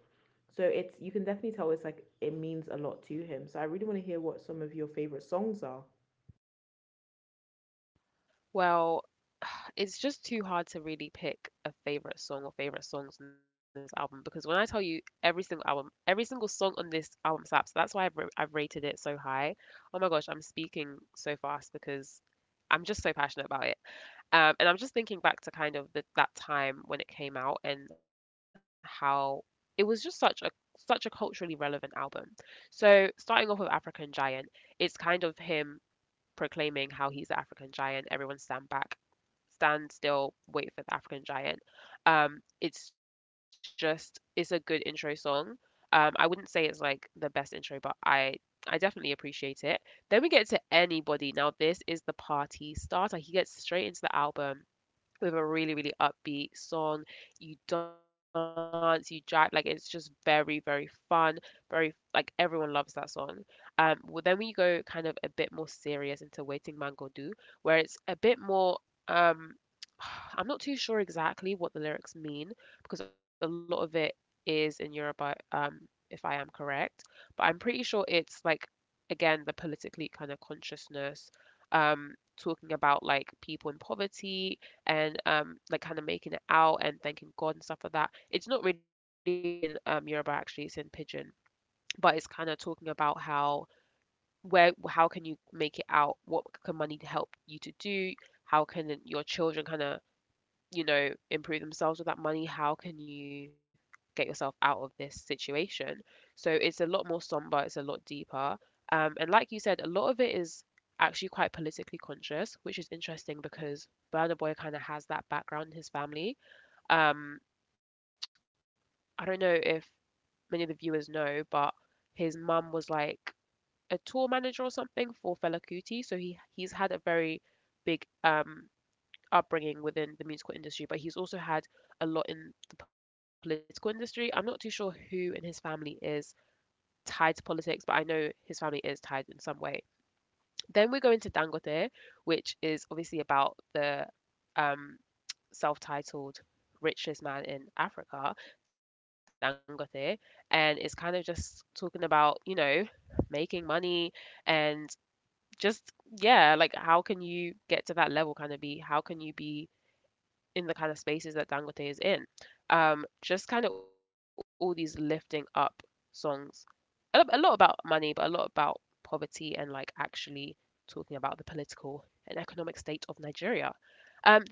So it's you can definitely tell it's like it means a lot to him. So I really want to hear what some of your favorite songs are.
Well, it's just too hard to really pick a favorite song or favorite songs on this album because when I tell you every single album, every single song on this album slaps. That's why I've rated it so high. Oh my gosh, I'm speaking so fast because I'm just so passionate about it. And I'm just thinking back to kind of that time when it came out and how it was just such a such a culturally relevant album. So starting off with African Giant, it's kind of him proclaiming how he's the African giant, everyone stand back, Stand Still, Wait for the African Giant. It's just it's a good intro song. I wouldn't say it's like the best intro, but I definitely appreciate it. Then we get to Anybody. Now this is the party starter. He gets straight into the album with a really, really upbeat song. You dance, you jive, like it's just very, very fun. Very like everyone loves that song. Well, then we go kind of a bit more serious into Waiting Mango Do, where it's a bit more. Um, I'm not too sure exactly what the lyrics mean because a lot of it is in Yoruba, if I am correct. But I'm pretty sure it's like, again, the politically kind of consciousness, um, talking about like people in poverty, and like kind of making it out and thanking God and stuff like that. It's not really in Yoruba actually, it's in Pidgin, but it's kind of talking about how where how can you make it out? What can money help you to do? How can your children kind of improve themselves with that money? How can you get yourself out of this situation? So it's a lot more somber, it's a lot deeper. And like you said, a lot of it is actually quite politically conscious, which is interesting because Burna Boy kind of has that background in his family. Um, I don't know if many of the viewers know, but his mum was like a tour manager or something for Fela Kuti, so he's had a very big upbringing within the musical industry, but he's also had a lot in the political industry. I'm not too sure who in his family is tied to politics, but I know his family is tied in some way. Then we go into Dangote, which is obviously about the um, self titled richest man in Africa, Dangote, and it's kind of just talking about, you know, making money and just, yeah, like how can you get to that level kind of be? How can you be in the kind of spaces that Dangote is in. Just kind of all these lifting up songs, a lot about money, but a lot about poverty and like actually talking about the political and economic state of Nigeria.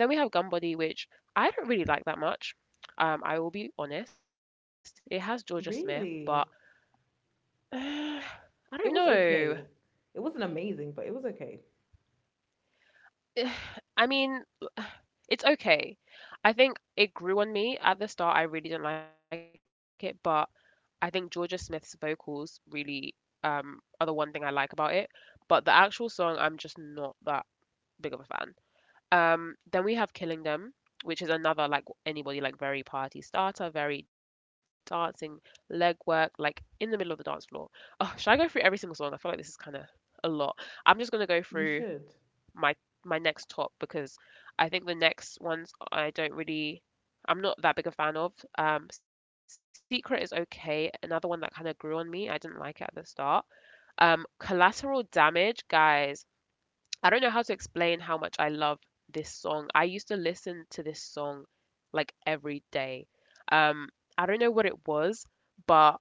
Then we have Gumbody, which I don't really like that much. I will be honest. It has Georgia Smith, but
Really?
uh, I
It
don't
was
know.
okay. It wasn't amazing, but it was okay.
I mean, it's okay. I think it grew on me at the start. I really didn't like it, but I think Georgia Smith's vocals really are the one thing I like about it. But the actual song, I'm just not that big of a fan. Then we have Killing Them, which is another like anybody like very party starter, very dancing legwork, like in the middle of the dance floor. Oh, should I go through every single song? I feel like this is kind of a lot. I'm just gonna go
You
through
should.
my my next top because I think the next ones I don't really I'm not that big a fan of. Secret is okay. Another one that kind of grew on me. I didn't like it at the start. Collateral Damage, guys. I don't know how to explain how much I love this song. I used to listen to this song like every day. Um, I don't know what it was, but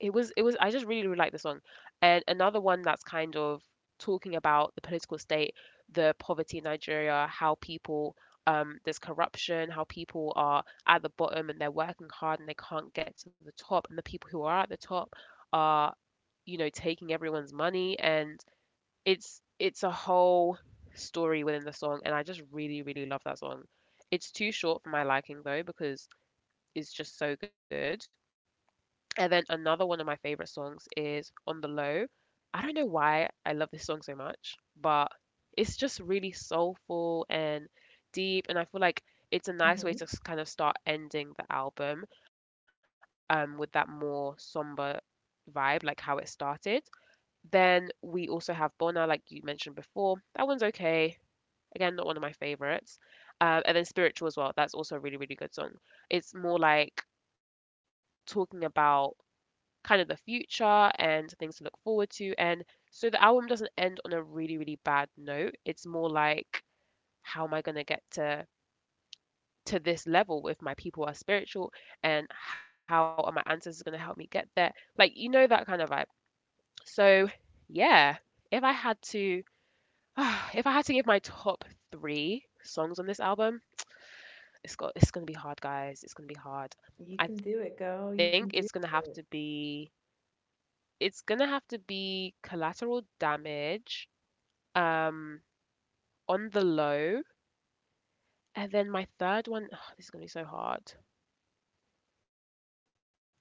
it was I just really, really like the song. And another one that's kind of talking about the political state, the poverty in Nigeria, how people there's corruption, how people are at the bottom and they're working hard and they can't get to the top, and the people who are at the top are, you know, taking everyone's money and it's a whole story within the song and I just really, really love that song. It's too short for my liking though because it's just so good. And then another one of my favorite songs is On the Low. I don't know why I love this song so much, but it's just really soulful and deep. And I feel like it's a nice way
Hmm.
to kind of start ending the album with that more somber vibe, like how it started. Then we also have Bona, like you mentioned before. That one's okay. Again, not one of my favorites. And then Spiritual as well. That's also a really, really good song. It's more like talking about kind of the future and things to look forward to. And so the album doesn't end on a really, really bad note. It's more like, how am I going to get to this level if my people are spiritual and how are my ancestors going to help me get there, like, you know, that kind of vibe. So yeah, if I had to if I had to give my top three songs on this album, it's going to be hard, guys, it's going to be
You
hard.
can do it,
I
girl.
think
You can
it's going
do
to have to
it.
be it's gonna have to be Collateral Damage, um, on the Low, and then my third one, this is gonna be so hard.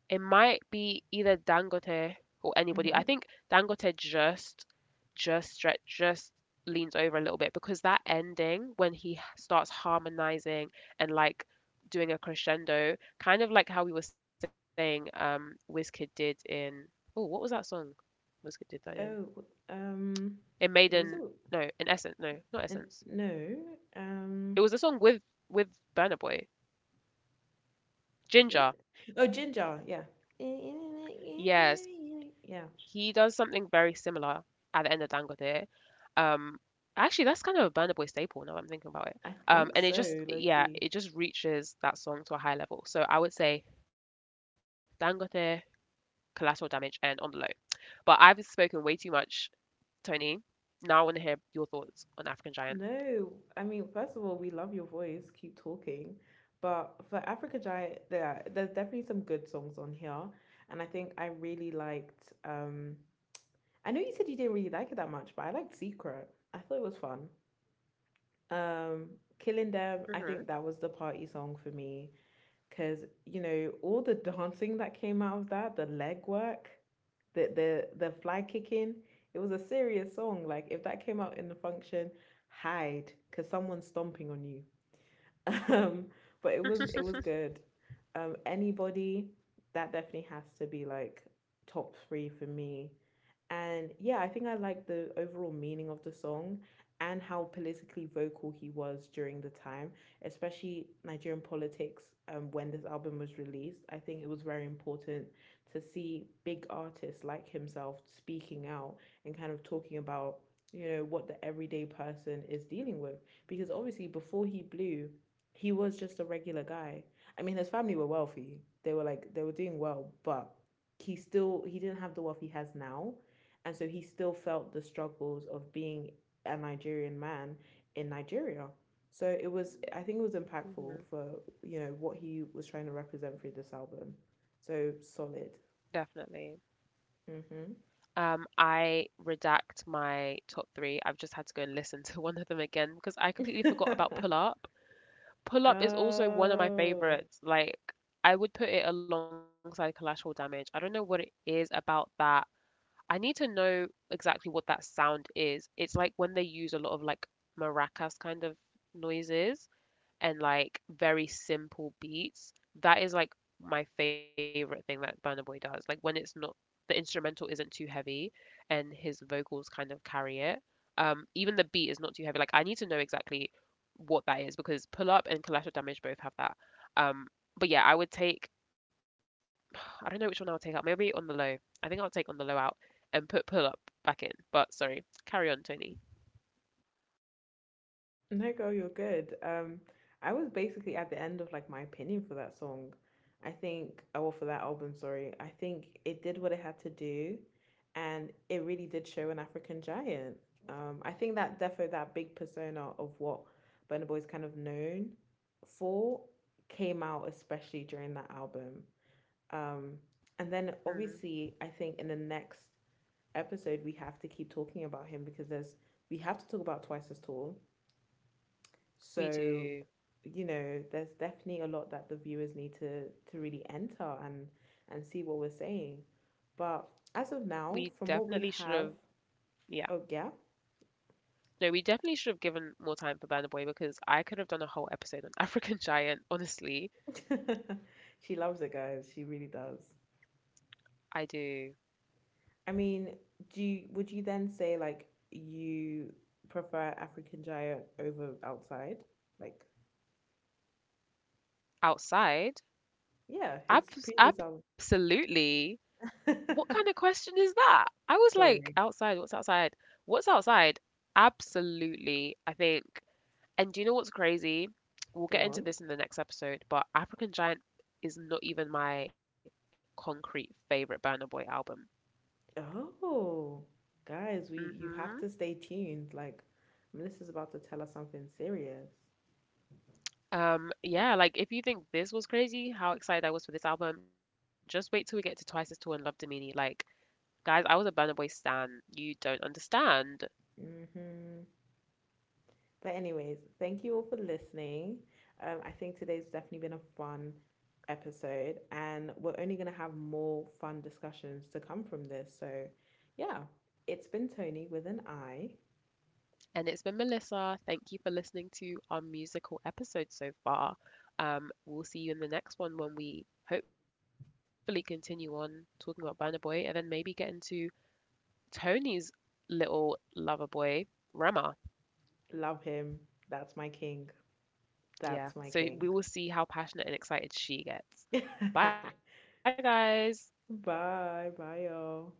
It might be either Dangote or anybody.
Hmm.
I think Dangote just stretch, just leans over a little bit because that ending when he starts harmonizing and like doing a crescendo, kind of like how we were saying, Wizkid did in, oh, what was that song? Wizkid did that in.
Oh,
It made
was it?
an no, an Essence. No, not Essence.
No, um,
It was a song with with Burna Boy.
was it? Oh,
Ginger.
Ginger. Yeah.
Yes,
Yeah,
he does something very similar at the end of Dangote. Um, Actually, that's kind of a Burna Boy staple now that I'm thinking
I
about it.
think so,
And it just
Loki.
yeah, it just reaches that song to a higher level. So I would say Dangote, Collateral Damage, and On the Low. But I've spoken way too much, Tony. Now I want to hear your thoughts on African Giant.
No, I mean, first of all, we love your voice. Keep talking. But for Africa Giant, there there's definitely some good songs on here, and I think I really liked. I know you said you didn't really like it that much, but I liked Secret. I thought it was fun. Um, Killing Them, I
Hmm.
think that was the party song for me. Cause you know all the dancing that came out of that, the leg work, the fly kicking. It was a serious song. Like if that came out in the function, hide, cause someone's stomping on you. Um, but it was good. Anybody that definitely has to be like top three for me. And yeah, I think I like the overall meaning of the song and how politically vocal he was during the time, especially Nigerian politics. When this album was released, I think it was very important to see big artists like himself speaking out and kind of talking about, you know, what the everyday person is dealing with. Because obviously, before he blew, he was just a regular guy. I mean, his family were wealthy, they were like, they were doing well, but he still he didn't have the wealth he has now and so he still felt the struggles of being a Nigerian man in Nigeria. So it was, I think it was impactful for,
Hmm.
you know, what he was trying to represent through this album. So solid.
Definitely.
Mm-hmm.
I redact my top three. I've just had to go and listen to one of them again because I completely forgot about Pull Up. Pull Up is also one of my
Oh.
favorites. Like, I would put it alongside Collateral Damage. I don't know what it is about that. I need to know exactly what that sound is. It's like when they use a lot of like maracas kind of noises and like very simple beats. That is like my favorite thing that Burna Boy does. Like when it's not the instrumental isn't too heavy and his vocals kind of carry it. Even the beat is not too heavy. Like I need to know exactly what that is because Pull Up and Collateral Damage both have that. Um, but yeah, I would take I don't know which one I'll take out. Maybe On the Low. I think I'll take On the Low out and put Pull Up back in. But sorry, carry on, Tony.
No, girl, you're good. I was basically at the end of like my opinion for that song. I think, or for that album, sorry. I think it did what it had to do, and it really did show an African giant. I think that defo, that big persona of what Burna Boy is kind of known for, came out especially during that album. Um, and then
Hmm,
obviously, I think in the next episode we have to keep talking about him because there's we have to talk about Twice as Tall
we
so,
do.
you know, there's definitely a lot that the viewers need to really enter and see what we're saying. But as of
We
now, from what
definitely
we
should have.
have,
Yeah.
oh yeah,
No, we definitely should have given more time for Burna Boy because I could have done a whole episode on African Giant. Honestly,
she loves it, guys. She really does.
I do.
I mean, do you, would you then say like you prefer African Giant over Outside? Like,
Outside?
yeah, his
Abs-
previous album.
absolutely. What kind of question is that? I was like,
Sorry,
outside, what's outside? What's outside? Absolutely, I think. And do you know what's crazy? We'll
go
get into
on.
this in the next episode, but African Giant is not even my concrete favorite Burna Boy album.
Oh, guys, we
Hmm.
you have to stay tuned. Like Melissa's about to tell us something serious.
Yeah, like if you think this was crazy, how excited I was for this album, just wait till we get to Twice as Tall and Love Domini. Like, guys, I was a Burna Boy stan. You don't understand.
Hmm. But anyways, thank you all for listening. I think today's definitely been a fun episode, and we're only gonna have more fun discussions to come from this. So, yeah, it's been Tony with an I.
And it's been Melissa. Thank you for listening to our musical episode so far. We'll see you in the next one when we hopefully continue on talking about Burna Boy and then maybe get into Tony's little lover boy, Rama.
Love him. That's my king. That's my king.
Yeah, so we will see how passionate and excited she gets.
Bye,
Bye, guys.
bye, y'all.